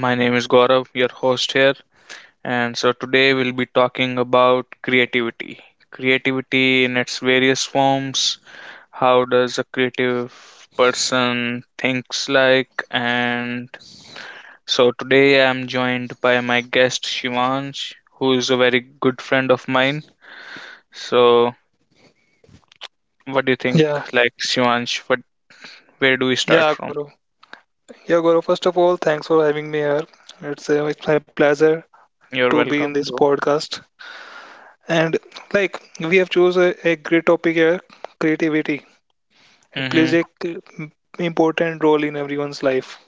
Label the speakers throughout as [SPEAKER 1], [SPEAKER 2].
[SPEAKER 1] my name is Gaurav, your host here, and so today we'll be talking about creativity. Creativity in its various forms, how does a creative person thinks like, and so today I'm joined by my guest Shivansh, who is a very good friend of mine. So, what do you think,
[SPEAKER 2] Yeah,
[SPEAKER 1] like Shivansh, what where do we start
[SPEAKER 2] yeah,
[SPEAKER 1] from?
[SPEAKER 2] Goro. Yeah, Goro. First of all, thanks for having me here. It's my pleasure to
[SPEAKER 1] You're
[SPEAKER 2] be in
[SPEAKER 1] welcome,
[SPEAKER 2] this
[SPEAKER 1] bro.
[SPEAKER 2] podcast. And like we have chosen a great topic here, creativity. It
[SPEAKER 1] Mm-hmm.
[SPEAKER 2] plays important role in everyone's life.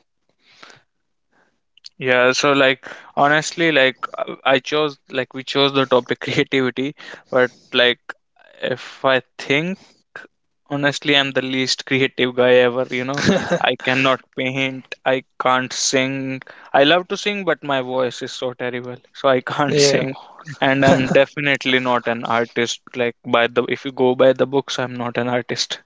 [SPEAKER 1] Yeah, so like honestly, like I chose like we chose the topic creativity, but like if I think honestly, I'm the least creative guy ever, you know. I cannot paint, I can't sing. I love to sing, but my voice is so terrible, so I can't
[SPEAKER 2] Yeah,
[SPEAKER 1] sing. And I'm definitely not an artist, like by the if you go by the books, I'm not an artist.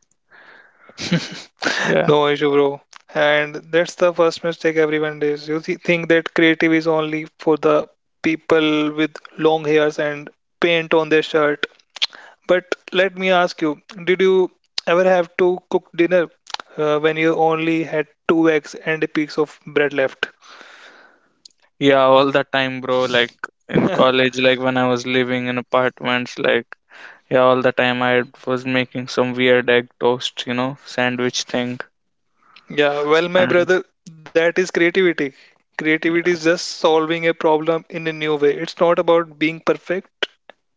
[SPEAKER 1] Yeah.
[SPEAKER 2] no issue, bro. And that's the first mistake everyone does. You think that creative is only for the people with long hairs and paint on their shirt. But let me ask you, did you ever have to cook dinner when you only had two eggs and a piece of bread left?
[SPEAKER 1] Yeah, all the time, bro. Like in college, like when I was living in apartments, like. Yeah, all the time I was making some weird egg toast, you know, sandwich thing.
[SPEAKER 2] Yeah, well, my
[SPEAKER 1] And.
[SPEAKER 2] brother, that is creativity. Creativity is just solving a problem in a new way. It's not about being perfect,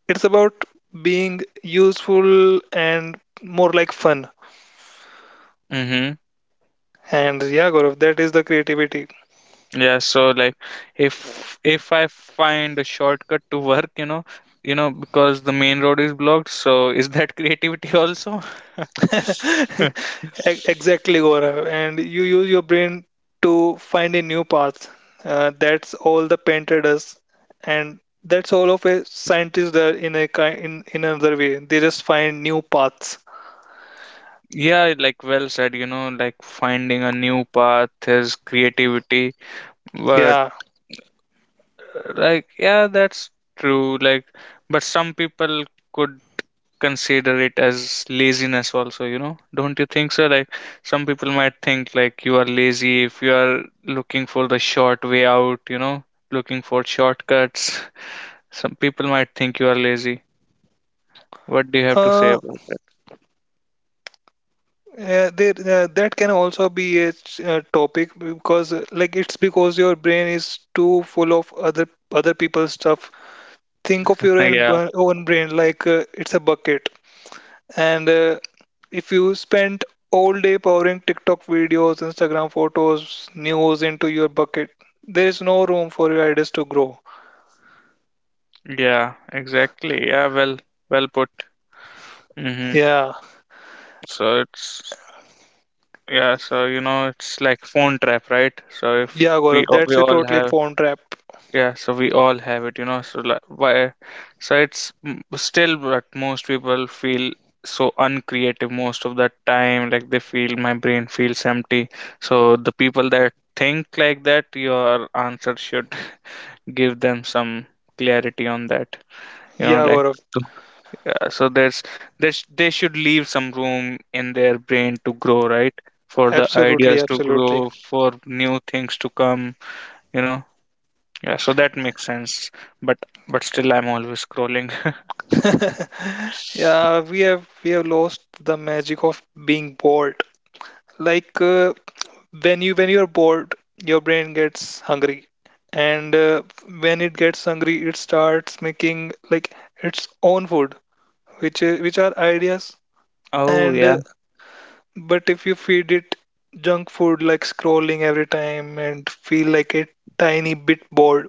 [SPEAKER 2] it's about being useful and more like fun.
[SPEAKER 1] Mm-hmm.
[SPEAKER 2] And yeah, Gaurav, that is the creativity.
[SPEAKER 1] Yeah, so like if I find a shortcut to work, because the main road is blocked, so is that creativity also?
[SPEAKER 2] Exactly, Gaurav. And you use your brain to find a new path. That's all the painter does, and that's all of a scientist does in a kind in another way. They just find new paths.
[SPEAKER 1] Yeah, like well said, you know, like finding a new path is creativity. But
[SPEAKER 2] Yeah.
[SPEAKER 1] like yeah, that's true. Like, but some people could consider it as laziness also, you know? Don't you think so? Like, some people might think like you are lazy if you are looking for the short way out, looking for shortcuts. Some people might think you are lazy. What do you have to say
[SPEAKER 2] Uh,
[SPEAKER 1] about that?
[SPEAKER 2] yeah, that can also be a topic because, like, it's because your brain is too full of other people's stuff. Think of your own,
[SPEAKER 1] Yeah,
[SPEAKER 2] uh, own brain, like it's a bucket, and if you spent all day powering TikTok videos, Instagram photos, news into your bucket, there is no room for your ideas to grow.
[SPEAKER 1] yeah, exactly. Yeah, well put. Hmm.
[SPEAKER 2] Yeah,
[SPEAKER 1] So it's, yeah, so, it's like phone trap, right? So if
[SPEAKER 2] yeah, Gaurav, that's
[SPEAKER 1] we
[SPEAKER 2] a
[SPEAKER 1] all
[SPEAKER 2] totally
[SPEAKER 1] have.
[SPEAKER 2] pawn trap.
[SPEAKER 1] Yeah, so we all have it, you know. So like, why? So it's still, but most people feel so uncreative most of the time. Like they feel my brain feels empty. So the people that think like that, your answer should give them some clarity on that. You know,
[SPEAKER 2] Yeah,
[SPEAKER 1] like
[SPEAKER 2] Gaurav,
[SPEAKER 1] to- so there's they should leave some room in their brain to grow, right? For the
[SPEAKER 2] absolutely,
[SPEAKER 1] ideas to
[SPEAKER 2] absolutely.
[SPEAKER 1] grow, for new things to come. You know, yeah, so that makes sense. But but still I'm always scrolling.
[SPEAKER 2] Yeah, we have lost the magic of being bored. Like when you're bored, your brain gets hungry, and when it gets hungry, it starts making like its own food, which are ideas.
[SPEAKER 1] Oh,
[SPEAKER 2] And
[SPEAKER 1] yeah.
[SPEAKER 2] but if you feed it junk food like scrolling every time and feel like a tiny bit bored,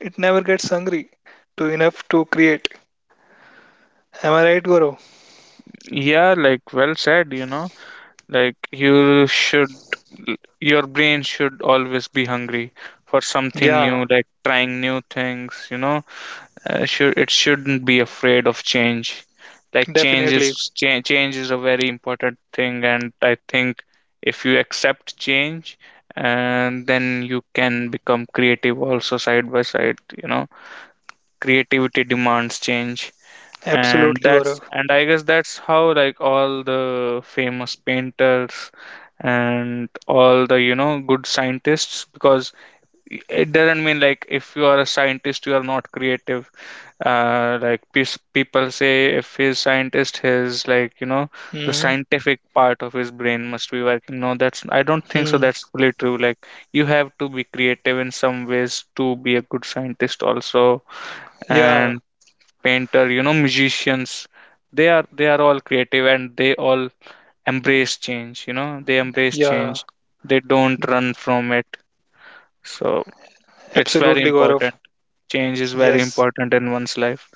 [SPEAKER 2] it never gets hungry to enough to create. Am I right, Gaurav?
[SPEAKER 1] Yeah, like well said, you know. Like your brain should always be hungry for something
[SPEAKER 2] Yeah,
[SPEAKER 1] new, like trying new things, you know. Should it shouldn't be afraid of change. Like change
[SPEAKER 2] definitely.
[SPEAKER 1] is change, change is a very important thing, and I think if you accept change, and then you can become creative also side by side, you know. Creativity demands change,
[SPEAKER 2] Absolutely, Gaurav.
[SPEAKER 1] and I guess that's how, like, all the famous painters and all the good scientists, because it doesn't mean like if you are a scientist you are not creative. Like people say, if he's scientist, his, like, you know, the
[SPEAKER 2] Mm-hmm.
[SPEAKER 1] scientific part of his brain must be working. No, that's I don't think so
[SPEAKER 2] Mm-hmm.
[SPEAKER 1] that's fully true. Like, you have to be creative in some ways to be a good scientist also,
[SPEAKER 2] Yeah,
[SPEAKER 1] and painter, you know, musicians. They are all creative, and they all embrace change, you know, they embrace
[SPEAKER 2] yeah,
[SPEAKER 1] change. They don't run from it. So it's very
[SPEAKER 2] absolutely, Gaurav.
[SPEAKER 1] important. Change is very
[SPEAKER 2] Yes.
[SPEAKER 1] important in one's life.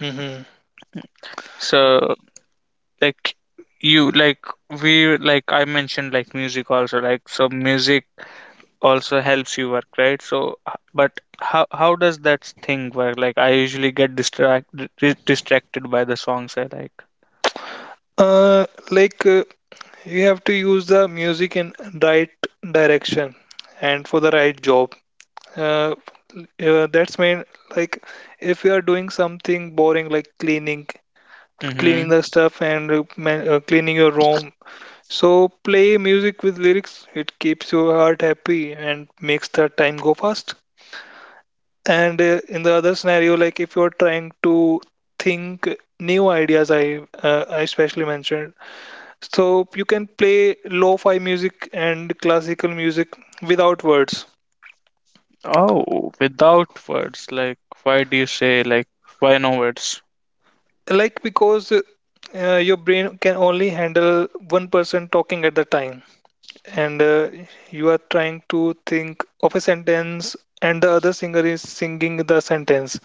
[SPEAKER 2] Mm-hmm.
[SPEAKER 1] So like you like we like I mentioned, like music also, like so music also helps you work, right? So but how does that thing work, like I usually get distracted by the songs I like.
[SPEAKER 2] Uh, like uh, you have to use the music in right direction and for the right job. Uh, Yeah, that's mean like if you are doing something boring like cleaning cleaning
[SPEAKER 1] Mm-hmm.
[SPEAKER 2] the stuff and cleaning your room. So play music with lyrics. It keeps your heart happy and makes the time go fast. And in the other scenario, like if you're trying to think new ideas, I especially mentioned. So you can play lo-fi music and classical music without words.
[SPEAKER 1] Oh, without words. Like, why do you say, like, why no words?
[SPEAKER 2] Like because your brain can only handle one person talking at the time, and you are trying to think of a sentence and the other singer is singing the sentence,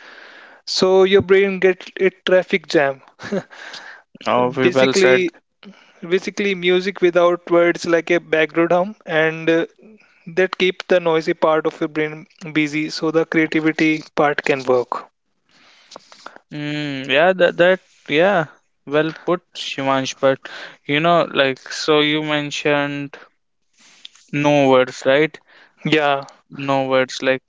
[SPEAKER 2] so your brain gets a traffic jam,
[SPEAKER 1] Oh, we well said.
[SPEAKER 2] basically. Basically, music without words like a background hum, and that keep the noisy part of your brain busy so the creativity part can work.
[SPEAKER 1] Mm, yeah, that that yeah, well put, Shimansh. But you know, like, so you mentioned no words, right?
[SPEAKER 2] Yeah.
[SPEAKER 1] No words, like,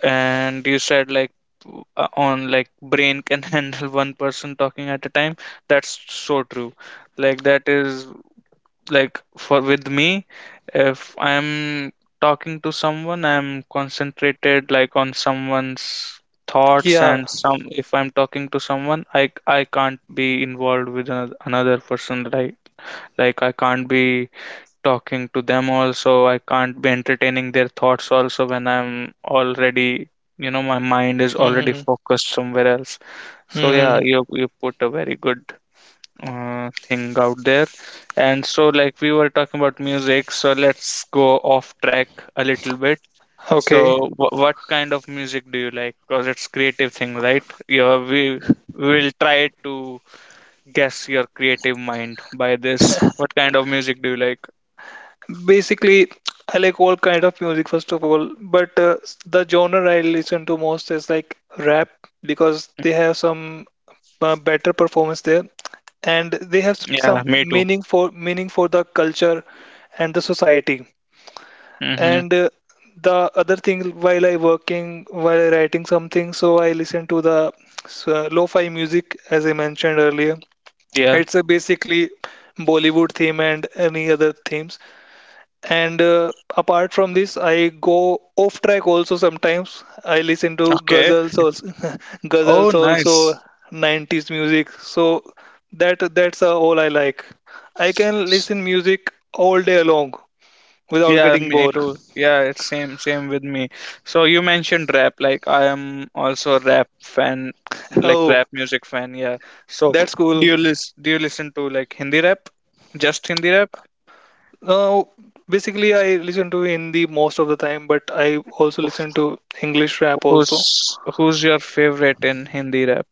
[SPEAKER 1] and you said like, on, like, brain can handle one person talking at a time. That's so true. Like that is, like for with me, if I'm talking to someone, I'm concentrated, like on someone's thoughts,
[SPEAKER 2] Yeah.
[SPEAKER 1] and some if I'm talking to someone, I can't be involved with another person. Like, I can't be talking to them also, I can't be entertaining their thoughts also, when I'm already, my mind is already
[SPEAKER 2] Mm-hmm.
[SPEAKER 1] focused somewhere else. So yeah,
[SPEAKER 2] Mm-hmm.
[SPEAKER 1] you put a very good thing out there. And so, like we were talking about music, so let's go off track a little bit.
[SPEAKER 2] Okay.
[SPEAKER 1] So, wh what kind of music do you like? Because it's creative thing, right? Yeah, we will try to guess your creative mind by this. What kind of music do you like?
[SPEAKER 2] Basically, I like all kind of music first of all, but the genre I listen to most is like rap, because they have some better performance there, and they have
[SPEAKER 1] Yeah,
[SPEAKER 2] some
[SPEAKER 1] me too.
[SPEAKER 2] meaning for the culture and the society.
[SPEAKER 1] Mm-hmm.
[SPEAKER 2] And the other thing, while I working, while I writing something, so I listen to the lo-fi music as I mentioned earlier.
[SPEAKER 1] Yeah.
[SPEAKER 2] It's a basically Bollywood theme and any other themes, and apart from this, I go off track also sometimes. I listen to
[SPEAKER 1] Okay.
[SPEAKER 2] ghazals also,
[SPEAKER 1] Oh,
[SPEAKER 2] ghazals also,
[SPEAKER 1] nice.
[SPEAKER 2] 90s music. So that's all I like. I can listen music all day long without
[SPEAKER 1] Yeah,
[SPEAKER 2] getting
[SPEAKER 1] me
[SPEAKER 2] bored.
[SPEAKER 1] too. Yeah, it's same with me. So you mentioned rap, like I am also a rap fan, like
[SPEAKER 2] Oh,
[SPEAKER 1] rap music fan, yeah. So
[SPEAKER 2] that's
[SPEAKER 1] do
[SPEAKER 2] cool.
[SPEAKER 1] you listen do you listen to like Hindi rap? Just Hindi rap?
[SPEAKER 2] Now, basically, I listen to Hindi most of the time, but I also listen
[SPEAKER 1] Wh-
[SPEAKER 2] to English rap also.
[SPEAKER 1] who's your favorite in Hindi rap?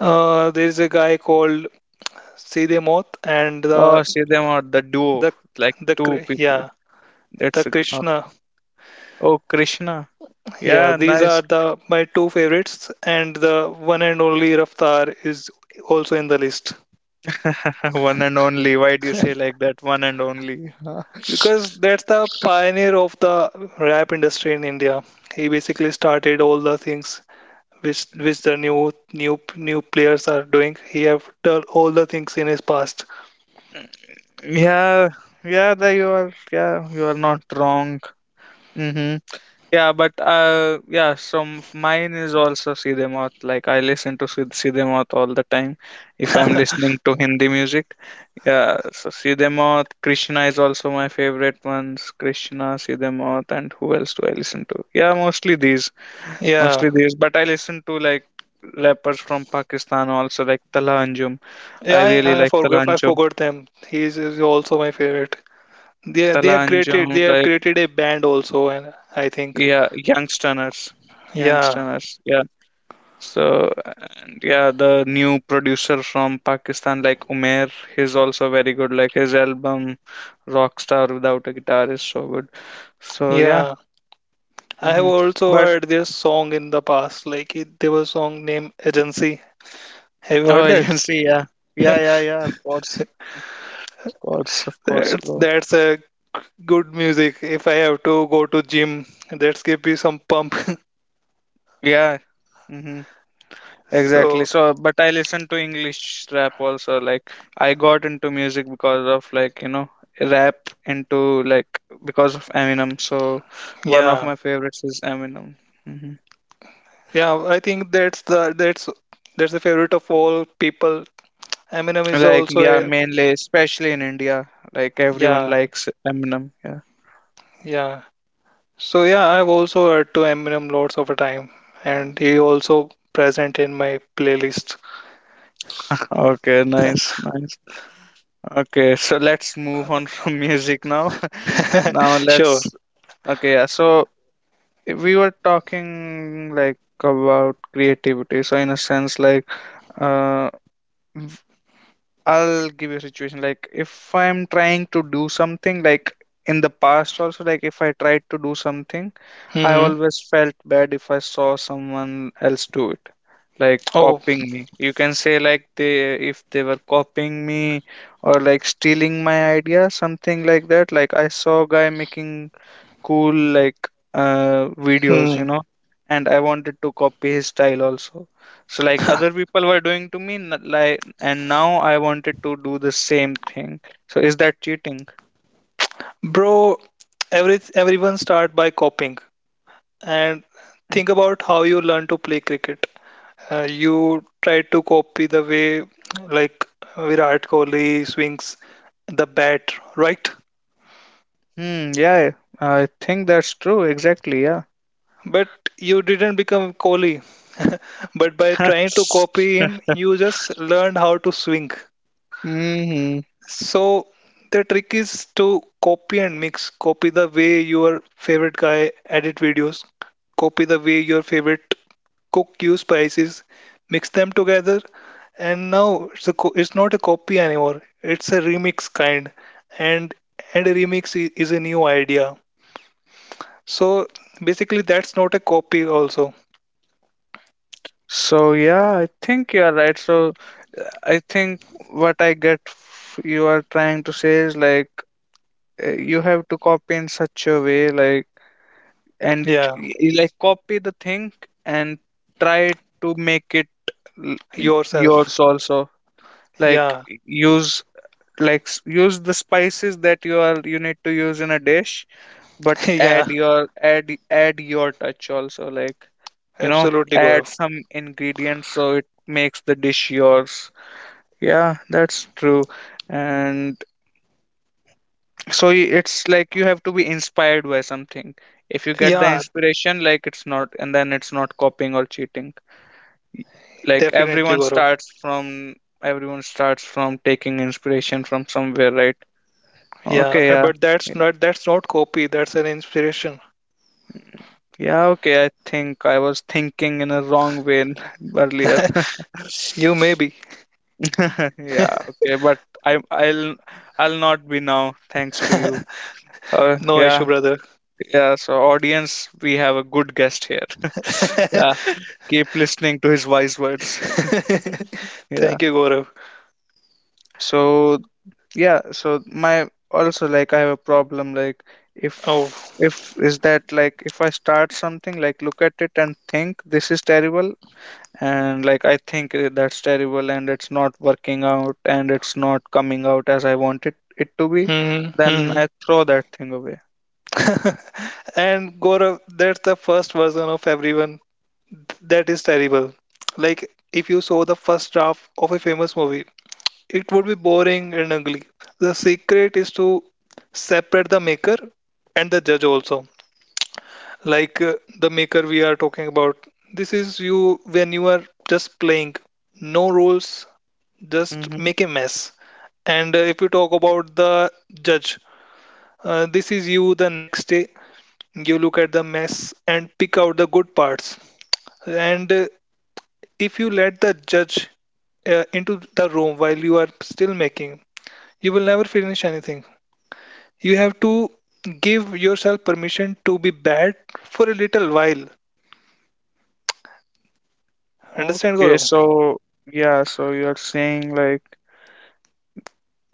[SPEAKER 2] There is a guy called Sidhe Moth, and
[SPEAKER 1] Oh, see them are the duo,
[SPEAKER 2] the
[SPEAKER 1] like two people.
[SPEAKER 2] yeah. The
[SPEAKER 1] That's a,
[SPEAKER 2] Krishna.
[SPEAKER 1] oh, Krishna.
[SPEAKER 2] Yeah,
[SPEAKER 1] Yeah,
[SPEAKER 2] these
[SPEAKER 1] nice.
[SPEAKER 2] are the my two favorites, and the one and only Raftar is also in the list,
[SPEAKER 1] One and only. Why do you say like that? One and only.
[SPEAKER 2] because that's the pioneer of the rap industry in India. He basically started all the things which the new players are doing. He have done all the things in his past.
[SPEAKER 1] Yeah, yeah, yeah, you are not wrong. Mm-hmm. Yeah, but yeah, mine is also Siddhemath. Like I listen to Siddhemath all the time if I'm listening to Hindi music. Yeah, so Siddhemath, Krishna is also my favorite ones. Krishna, Siddhemath, and who else do I listen to? Yeah, mostly these,
[SPEAKER 2] Yeah,
[SPEAKER 1] mostly these. But I listen to like rappers from Pakistan also, like Tala Anjum. I
[SPEAKER 2] yeah,
[SPEAKER 1] really
[SPEAKER 2] yeah. I
[SPEAKER 1] like Tala
[SPEAKER 2] forgot. I
[SPEAKER 1] Anjum.
[SPEAKER 2] forgot them. He is also my favorite. They they have
[SPEAKER 1] Talanjum,
[SPEAKER 2] created they have
[SPEAKER 1] like,
[SPEAKER 2] created a band also, and I think
[SPEAKER 1] yeah, youngsters
[SPEAKER 2] yeah.
[SPEAKER 1] youngsters yeah. So and yeah, the new producer from Pakistan, like Umair, he's also very good. Like his album Rockstar Without a Guitar is so good. So yeah.
[SPEAKER 2] Yeah, I have
[SPEAKER 1] Hmm,
[SPEAKER 2] also
[SPEAKER 1] but
[SPEAKER 2] heard their song in the past. Like it, there was a song named Agency. Have you
[SPEAKER 1] oh,
[SPEAKER 2] heard that?
[SPEAKER 1] agency, yeah, yeah, yeah, yeah, of course, of course, of course,
[SPEAKER 2] That's
[SPEAKER 1] bro.
[SPEAKER 2] that's a good music. If I have to go to gym, that's give me some pump.
[SPEAKER 1] Yeah. Hmm. Exactly.
[SPEAKER 2] So
[SPEAKER 1] So, but I listen to English rap also. Like, I got into music because of, like, you know, rap into like because of Eminem. So, one of
[SPEAKER 2] yeah,
[SPEAKER 1] my favorites is Eminem. Hmm.
[SPEAKER 2] yeah. I think that's the favorite of all people. Eminem is
[SPEAKER 1] Like,
[SPEAKER 2] also
[SPEAKER 1] yeah,
[SPEAKER 2] a
[SPEAKER 1] mainly, especially in India, like everyone
[SPEAKER 2] yeah.
[SPEAKER 1] likes Eminem. Yeah.
[SPEAKER 2] Yeah. So yeah, I've also heard to Eminem lots of a time, and he also present in my playlist.
[SPEAKER 1] Okay, nice, nice. Okay, so let's move on from music now. Now
[SPEAKER 2] Sure.
[SPEAKER 1] let's, okay, yeah. So we were talking, like, about creativity. So in a sense, like uh, v- I'll give you a situation, like if I'm trying to do something, like in the past also, like if I tried to do something, I
[SPEAKER 2] Hmm.
[SPEAKER 1] always felt bad if I saw someone else do it, like
[SPEAKER 2] Oh.
[SPEAKER 1] copying me, you can say, like they if they were copying me, or like stealing my idea, something like that. Like I saw a guy making cool, like videos,
[SPEAKER 2] Hmm.
[SPEAKER 1] and I wanted to copy his style also. So like other people were doing to me, like, and now I wanted to do the same thing. So is that cheating?
[SPEAKER 2] Bro, everyone start by copying, and think about how you learn to play cricket. You try to copy the way like Virat Kohli swings the bat, right?
[SPEAKER 1] Hmm, yeah, I think that's true, exactly, yeah.
[SPEAKER 2] But you didn't become Kohli. But by trying to copy him, you just learned how to swing.
[SPEAKER 1] Hmm.
[SPEAKER 2] So the trick is to copy and mix. Copy the way your favorite guy edit videos. Copy the way your favorite cook use spices. Mix them together, and now it's it's not a copy anymore. It's a remix kind, and a remix is a new idea. So basically, that's not a copy also.
[SPEAKER 1] So yeah, I think you're right. So I think what I get f- you are trying to say is like, you have to copy in such a way, like, and
[SPEAKER 2] Yeah,
[SPEAKER 1] you like copy the thing and try to make it
[SPEAKER 2] yourself.
[SPEAKER 1] yours also, like
[SPEAKER 2] Yeah,
[SPEAKER 1] use, like use the spices that you need to use in a dish, but add
[SPEAKER 2] yeah,
[SPEAKER 1] your add add your touch also, like, you know
[SPEAKER 2] absolutely,
[SPEAKER 1] add
[SPEAKER 2] Gaurav.
[SPEAKER 1] some ingredients so it makes the dish yours. Yeah, that's true. And so it's like you have to be inspired by something. If you get the
[SPEAKER 2] Yeah,
[SPEAKER 1] inspiration, like it's not and then it's not copying or cheating. Like
[SPEAKER 2] definitely, Gaurav.
[SPEAKER 1] everyone starts from taking inspiration from somewhere, right?
[SPEAKER 2] Yeah,
[SPEAKER 1] Okay, yeah.
[SPEAKER 2] but
[SPEAKER 1] Yeah,
[SPEAKER 2] that's not copy, that's an inspiration.
[SPEAKER 1] yeah, okay, I think I was thinking in a wrong way, earlier.
[SPEAKER 2] You may be.
[SPEAKER 1] Yeah, okay, but i i'll I'll not be now, thanks to you.
[SPEAKER 2] No issue,
[SPEAKER 1] Yeah.
[SPEAKER 2] brother.
[SPEAKER 1] Yeah, so audience, we have a good guest here. Yeah, keep listening to his wise words. Yeah.
[SPEAKER 2] Thank you, Gaurav.
[SPEAKER 1] So yeah, so my also, like I have a problem, like
[SPEAKER 2] Oh.
[SPEAKER 1] if I start something, like look at it and think this is terrible, and like I think that's terrible, and it's not working out, and it's not coming out as I wanted it to be,
[SPEAKER 2] Hmm.
[SPEAKER 1] then
[SPEAKER 2] Hmm.
[SPEAKER 1] I throw that thing away.
[SPEAKER 2] And Gaurav, that's the first version of everyone. That is terrible. Like if you saw the first draft of a famous movie, it would be boring and ugly. The secret is to separate the maker and the judge also. Like the maker we are talking about, this is you when you are just playing, no rules, just
[SPEAKER 1] Mm-hmm.
[SPEAKER 2] make a mess. And if you talk about the judge, this is you the next day. You look at the mess and pick out the good parts. And if you let the judge into the room while you are still making, you will never finish anything. You have to give yourself permission to be bad for a little while. Understand,
[SPEAKER 1] Okay,
[SPEAKER 2] Gaurav?
[SPEAKER 1] so yeah, so you're saying like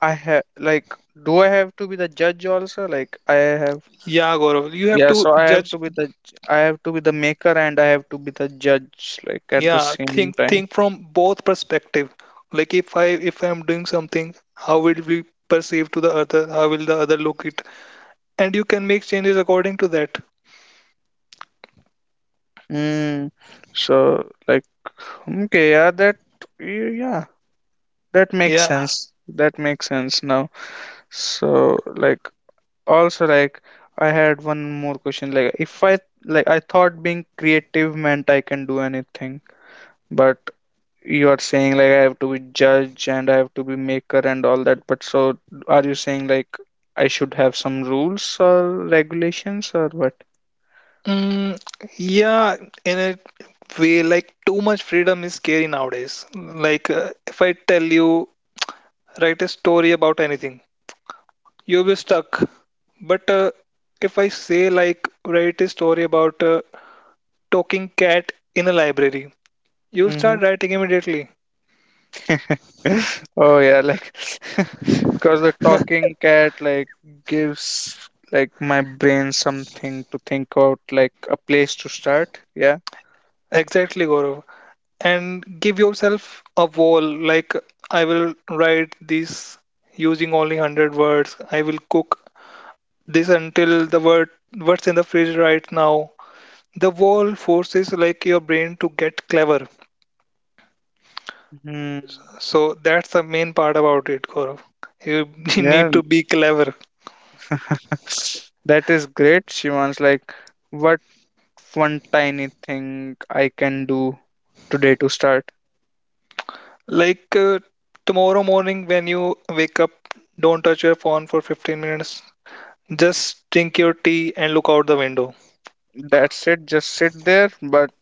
[SPEAKER 1] I have like do I have to be the judge also, like I have.
[SPEAKER 2] Yeah, Gaurav, you have
[SPEAKER 1] Yeah,
[SPEAKER 2] to
[SPEAKER 1] so I have
[SPEAKER 2] judge.
[SPEAKER 1] to be the maker, and I have to be the judge, like at the
[SPEAKER 2] Yeah,
[SPEAKER 1] same time.
[SPEAKER 2] think from both perspective. Like if I'm doing something, how will it be perceived to the other? How will the other look it? And you can make changes according to that.
[SPEAKER 1] Mm. So like, okay, yeah, yeah, that makes
[SPEAKER 2] Yeah.
[SPEAKER 1] sense. That makes sense now. So like also, I had one more question. Like if I like I thought being creative meant I can do anything, but you are saying like I have to be judge and I have to be maker and all that, but so are you saying like I should have some rules or regulations or what?
[SPEAKER 2] Mm, yeah, in a way, like too much freedom is scary nowadays. Like if I tell you write a story about anything, you'll be stuck. But if I say like write a story about a talking cat in a library, you'll
[SPEAKER 1] Hmm.
[SPEAKER 2] start writing immediately.
[SPEAKER 1] Oh yeah, like because the talking cat like gives like my brain something to think about, like a place to start. Yeah.
[SPEAKER 2] Exactly, Gaurav. And give yourself a wall, like, I will write this using only 100 words. I will cook this until the word, what's in the fridge right now. The wall forces like your brain to get clever.
[SPEAKER 1] Hmm.
[SPEAKER 2] So that's the main part about it, Gaurav. You
[SPEAKER 1] Yeah.
[SPEAKER 2] need to be clever.
[SPEAKER 1] That is great. She wants like what one tiny thing I can do today to start.
[SPEAKER 2] Like tomorrow morning when you wake up, don't touch your phone for 15 minutes. Just drink your tea and look out the window.
[SPEAKER 1] That's it. Just sit there, but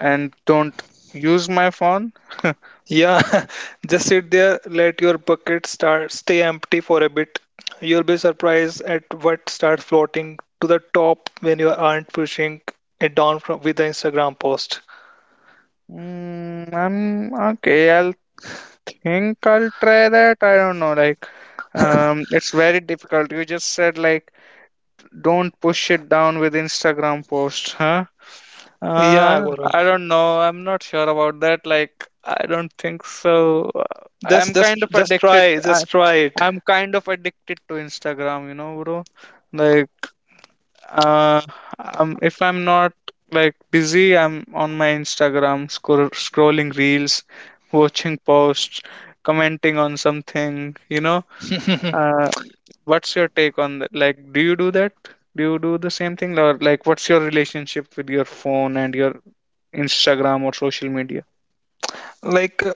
[SPEAKER 1] and don't use my phone.
[SPEAKER 2] Yeah, just sit there, let your bucket start stay empty for a bit. You'll be surprised at what starts floating to the top when you aren't pushing it down from with the Instagram post.
[SPEAKER 1] Mm, I'm okay. I'll think I'll try that. I don't know. Like, it's very difficult. You just said like, don't push it down with Instagram posts, huh?
[SPEAKER 2] Yeah, Gaurav.
[SPEAKER 1] I don't know. I'm not sure about that. Like, I don't think so.
[SPEAKER 2] Just
[SPEAKER 1] I'm
[SPEAKER 2] just
[SPEAKER 1] kind of
[SPEAKER 2] just
[SPEAKER 1] addicted.
[SPEAKER 2] try, just try it.
[SPEAKER 1] I'm kind of addicted to Instagram, you know, bro. Like, Uh, if I'm not like busy, I'm on my Instagram scrolling reels, watching posts, commenting on something, you know. Uh, what's your take on that? Like, do you do that? Do you do the same thing? Or like, what's your relationship with your phone and your Instagram or social media?
[SPEAKER 2] Like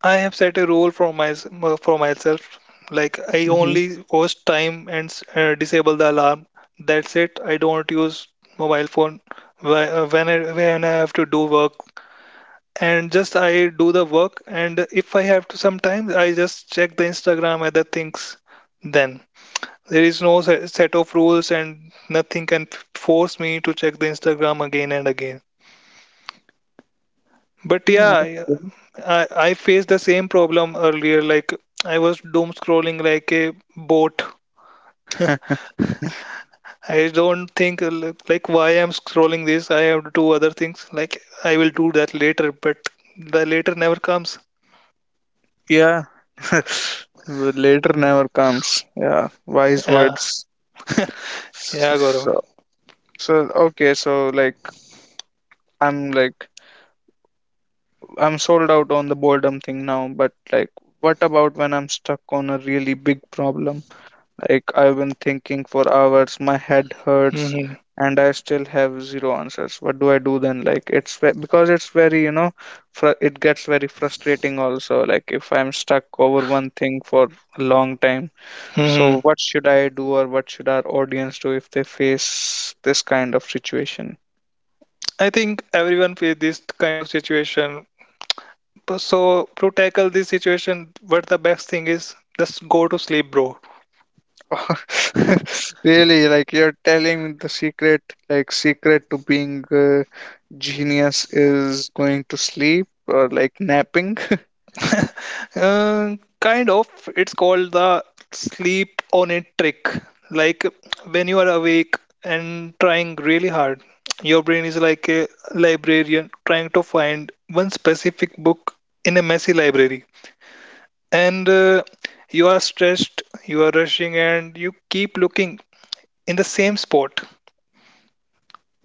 [SPEAKER 2] I have set a rule for my for myself. Like I
[SPEAKER 1] Mm-hmm.
[SPEAKER 2] only post time and disable the alarm. That's it. I don't use mobile phone when when I have to do work, and just I do the work. And if I have to sometimes, I just check the Instagram other things then. There is no set of rules, and nothing can force me to check the Instagram again and again. But yeah,
[SPEAKER 1] Okay.
[SPEAKER 2] I faced the same problem earlier. Like I was doom scrolling like a boat. I don't think like why I'm scrolling this. I have to do other things. Like I will do that later, but the later never comes.
[SPEAKER 1] Yeah. Later never comes. Yeah. Wise
[SPEAKER 2] Yeah,
[SPEAKER 1] words.
[SPEAKER 2] yeah, Gaurav.
[SPEAKER 1] So, so okay. I'm like I'm sold out on the boredom thing now, but like what about when I'm stuck on a really big problem? Like I've been thinking for hours, my head hurts and I still have zero answers. What do I do then? Like it's ve- because it's very, you know, fr it gets very frustrating also like if I'm stuck over one thing for a long time. So
[SPEAKER 2] Hmm.
[SPEAKER 1] what should I do or what should our audience do if they face this kind of situation?
[SPEAKER 2] I think everyone face this kind of situation. But so to tackle this situation, what the best thing is just go to sleep, bro.
[SPEAKER 1] Really, like you're telling me the secret, like secret to being genius is going to sleep or like napping.
[SPEAKER 2] Kind of, it's called the sleep on it trick. Like when you are awake and trying really hard, your brain is like a librarian trying to find one specific book in a messy library. And you are stressed, you are rushing, and you keep looking in the same spot.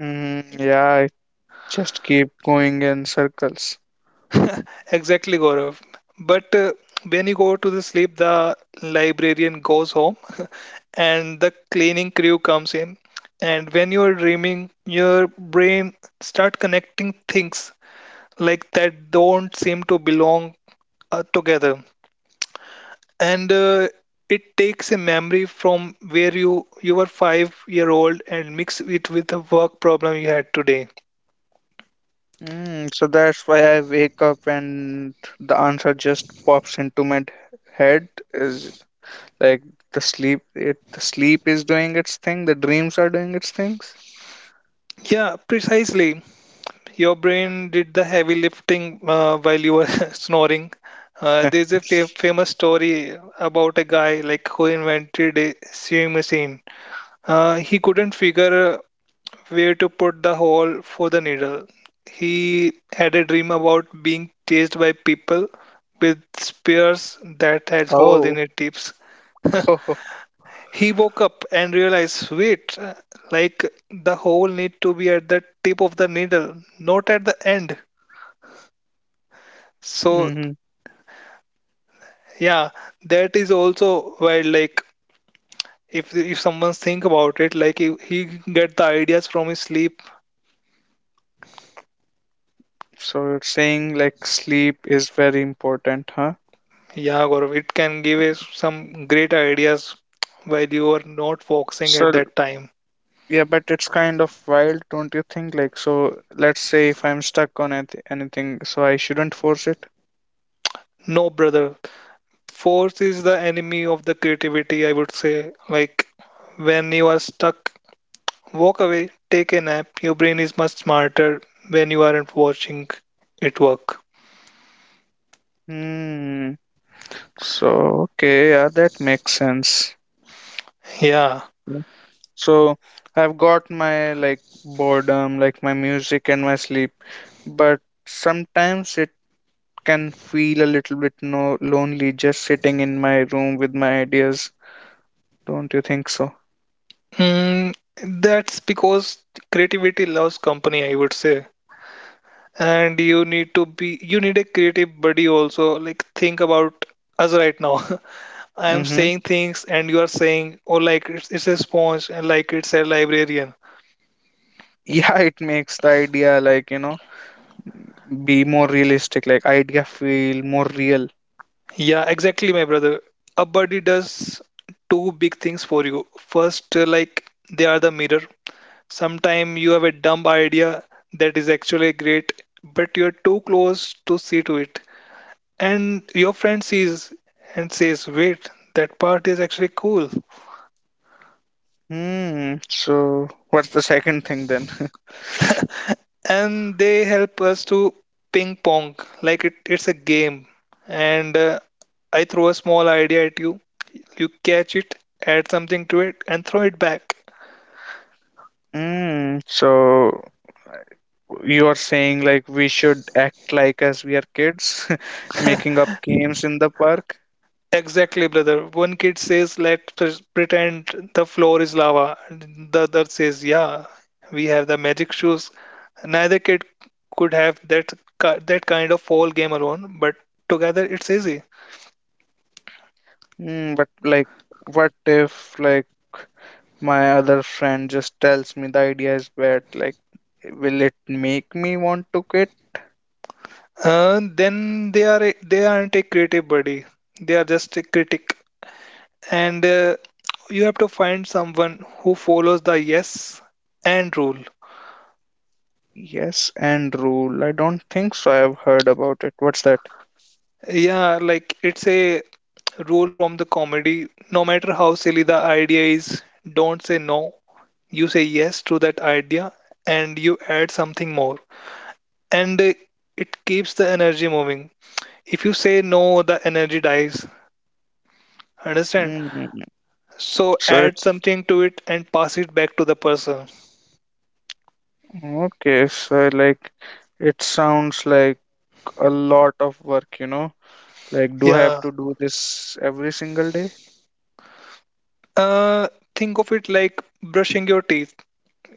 [SPEAKER 1] Mm, yeah, I just keep going in circles.
[SPEAKER 2] Exactly, Gaurav. But When you go to the sleep, the librarian goes home and the cleaning crew comes in. And when you are dreaming, your brain start connecting things like that don't seem to belong together. And It takes a memory from where you were 5 year old and mix it with the work problem you had today.
[SPEAKER 1] Mm, so that's why I wake up and the answer just pops into my head is like the sleep is doing its thing, the dreams are doing its things.
[SPEAKER 2] Yeah, precisely. Your brain did the heavy lifting while you were snoring. There's a famous story about a guy like who invented a sewing machine. He couldn't figure where to put the hole for the needle. He had a dream about being chased by people with spears that had holes in
[SPEAKER 1] Oh.
[SPEAKER 2] their tips. He woke up and realized, wait, like the hole need to be at the tip of the needle, not at the end. So
[SPEAKER 1] Oh.
[SPEAKER 2] yeah, that is also where like if someone think about it, like if he get the ideas from his sleep,
[SPEAKER 1] So you're saying like sleep is very important, huh?
[SPEAKER 2] yeah, Gaurav, it can give us some great ideas while you are not focusing
[SPEAKER 1] So
[SPEAKER 2] at that time.
[SPEAKER 1] yeah, but it's kind of wild, don't you think? Like, so let's say if I'm stuck on anything, so I shouldn't force it.
[SPEAKER 2] No, brother, force is the enemy of the creativity, I would say. Like when you are stuck, walk away, take a nap. Your brain is much smarter when you aren't watching it work.
[SPEAKER 1] Hmm. So okay, yeah, that makes sense.
[SPEAKER 2] Yeah.
[SPEAKER 1] Mm. So I've got my like boredom, like my music and my sleep, but sometimes it can feel a little bit no lonely just sitting in my room with my ideas. Don't you think so?
[SPEAKER 2] Hmm, that's because creativity loves company, I would say. And you need to be, you need a creative buddy also. Like, think about us right now. I am
[SPEAKER 1] Mm-hmm.
[SPEAKER 2] saying things and you are saying, oh, like it's a sponge and like it's a librarian.
[SPEAKER 1] Yeah. It makes the idea, like, you know, be more realistic, like idea feel more real.
[SPEAKER 2] Yeah, exactly, my brother. A buddy does two big things for you. First, like they are the mirror. Sometime you have a dumb idea that is actually great, but you're too close to see to it. And your friend sees and says, wait, that part is actually cool.
[SPEAKER 1] Hmm, so what's the second thing then?
[SPEAKER 2] And they help us to ping pong. Like it's a game, and I throw a small idea at you, you catch it, add something to it, and throw it back.
[SPEAKER 1] Hmm. So you are saying like we should act like as we are kids, making up games in the park.
[SPEAKER 2] Exactly, brother. One kid says, let's pretend the floor is lava. The other says, yeah, we have the magic shoes. Neither kid could have that that kind of whole game alone, but together it's easy.
[SPEAKER 1] Hmm. But like, what if like my other friend just tells me the idea is bad? Like, will it make me want to quit?
[SPEAKER 2] Then they are they aren't a creative buddy. They are just a critic, and you have to find someone who follows the yes and rule.
[SPEAKER 1] Yes and rule. I don't think so. I've heard about it. What's that?
[SPEAKER 2] Yeah, like it's a rule from the comedy. No matter how silly the idea is, don't say no. You say yes to that idea, and you add something more, and it keeps the energy moving. If you say no, the energy dies. Understand?
[SPEAKER 1] Mm,
[SPEAKER 2] So
[SPEAKER 1] so
[SPEAKER 2] add
[SPEAKER 1] it's
[SPEAKER 2] something to it and pass it back to the person.
[SPEAKER 1] okay. So like it sounds like a lot of work, you know. Like do I have
[SPEAKER 2] Yeah.
[SPEAKER 1] to do this every single day?
[SPEAKER 2] Uh, think of it like brushing your teeth.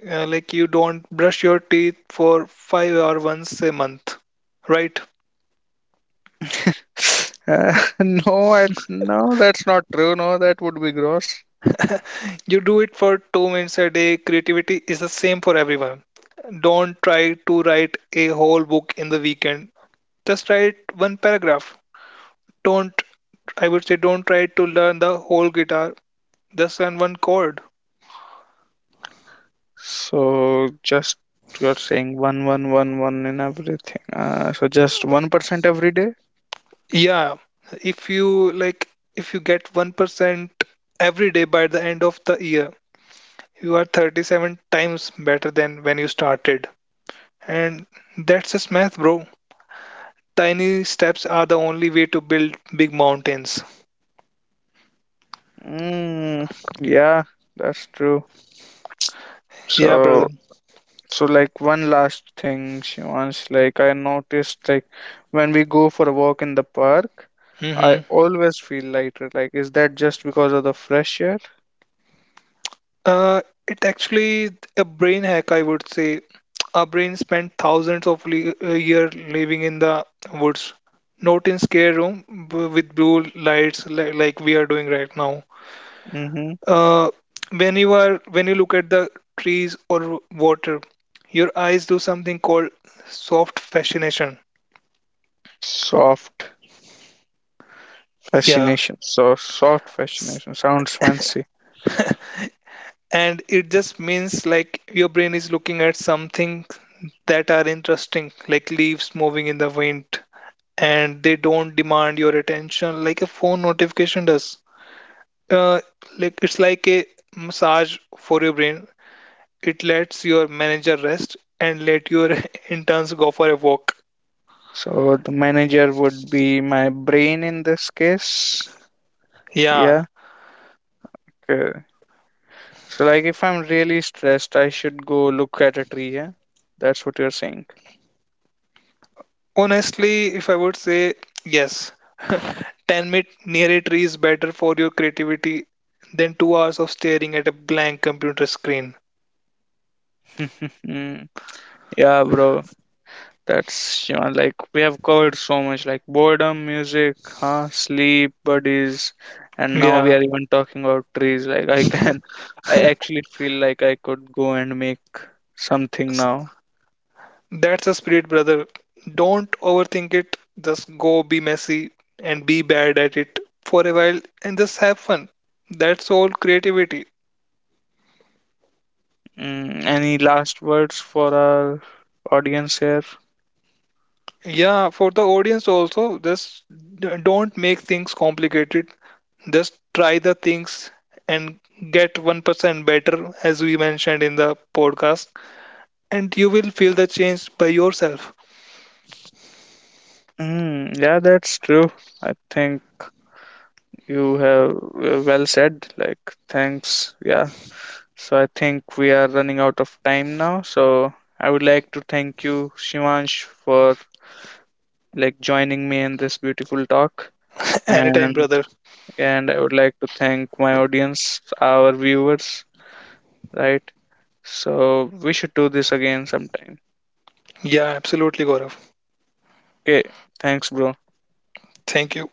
[SPEAKER 2] Like you don't brush your teeth for five or once a month, right?
[SPEAKER 1] No, no, that's not true. No, that would be gross.
[SPEAKER 2] You do it for 2 minutes a day. Creativity is the same for everyone. Don't try to write a whole book in the weekend. Just write one paragraph. Don't, I would say, don't try to learn the whole guitar. Just learn one chord.
[SPEAKER 1] So just you're saying one in everything. So just 1% every day.
[SPEAKER 2] Yeah, if you like, if you get 1% every day by the end of the year, you are 37 times better than when you started. And that's just math, bro. Tiny steps are the only way to build big mountains.
[SPEAKER 1] Mm, yeah, that's true.
[SPEAKER 2] Yeah, brother.
[SPEAKER 1] So So like one last thing, Shivansh, like I noticed like when we go for a walk in the park, I
[SPEAKER 2] Mm-hmm.
[SPEAKER 1] always feel lighter. Like is that just because of the fresh air?
[SPEAKER 2] Uh, it actually a brain hack, I would say. Our brain spent thousands of year living in the woods, not in scare room with blue lights like we are doing right now.
[SPEAKER 1] Mm-hmm.
[SPEAKER 2] uh, when you are when you look at the trees or water, your eyes do something called soft fascination.
[SPEAKER 1] Soft
[SPEAKER 2] Yeah,
[SPEAKER 1] fascination. So soft
[SPEAKER 2] S-
[SPEAKER 1] fascination. Sounds fancy.
[SPEAKER 2] and it just means like your brain is looking at something that are interesting, like leaves moving in the wind, and they don't demand your attention like a phone notification does. uh, like it's like a massage for your brain. It lets your manager rest and let your interns go for a walk.
[SPEAKER 1] So the manager would be my brain in this case.
[SPEAKER 2] Yeah.
[SPEAKER 1] Yeah. Okay. So like if I'm really stressed, I should go look at a tree. Yeah. That's what you're saying.
[SPEAKER 2] Honestly, if I would say yes, 10-minute narratory is better for your creativity than 2 hours of staring at a blank computer screen.
[SPEAKER 1] Mm, yeah, bro. That's, you know, like we have covered so much, like boredom, music, huh, sleep, buddies, and now
[SPEAKER 2] Yeah,
[SPEAKER 1] we are even talking about trees. Like I can, I actually feel like I could go and make something
[SPEAKER 2] s-
[SPEAKER 1] now.
[SPEAKER 2] that's the spirit, brother. Don't overthink it. Just go be messy and be bad at it for a while and just have fun. That's all creativity.
[SPEAKER 1] Mm, any last words for our audience here?
[SPEAKER 2] Yeah, for the audience also, just don't make things complicated. Just try the things and get 1% better, as we mentioned in the podcast, and you will feel the change by yourself.
[SPEAKER 1] Mm, yeah, that's true. I think you have well said. Like, thanks. Yeah. So I think we are running out of time now. So I would like to thank you, Shivansh, for like joining me in this beautiful talk.
[SPEAKER 2] Anytime,
[SPEAKER 1] And
[SPEAKER 2] brother.
[SPEAKER 1] and I would like to thank my audience, our viewers, right? So we should do this again sometime.
[SPEAKER 2] Yeah, absolutely, Gaurav.
[SPEAKER 1] Okay. Thanks, bro.
[SPEAKER 2] Thank you.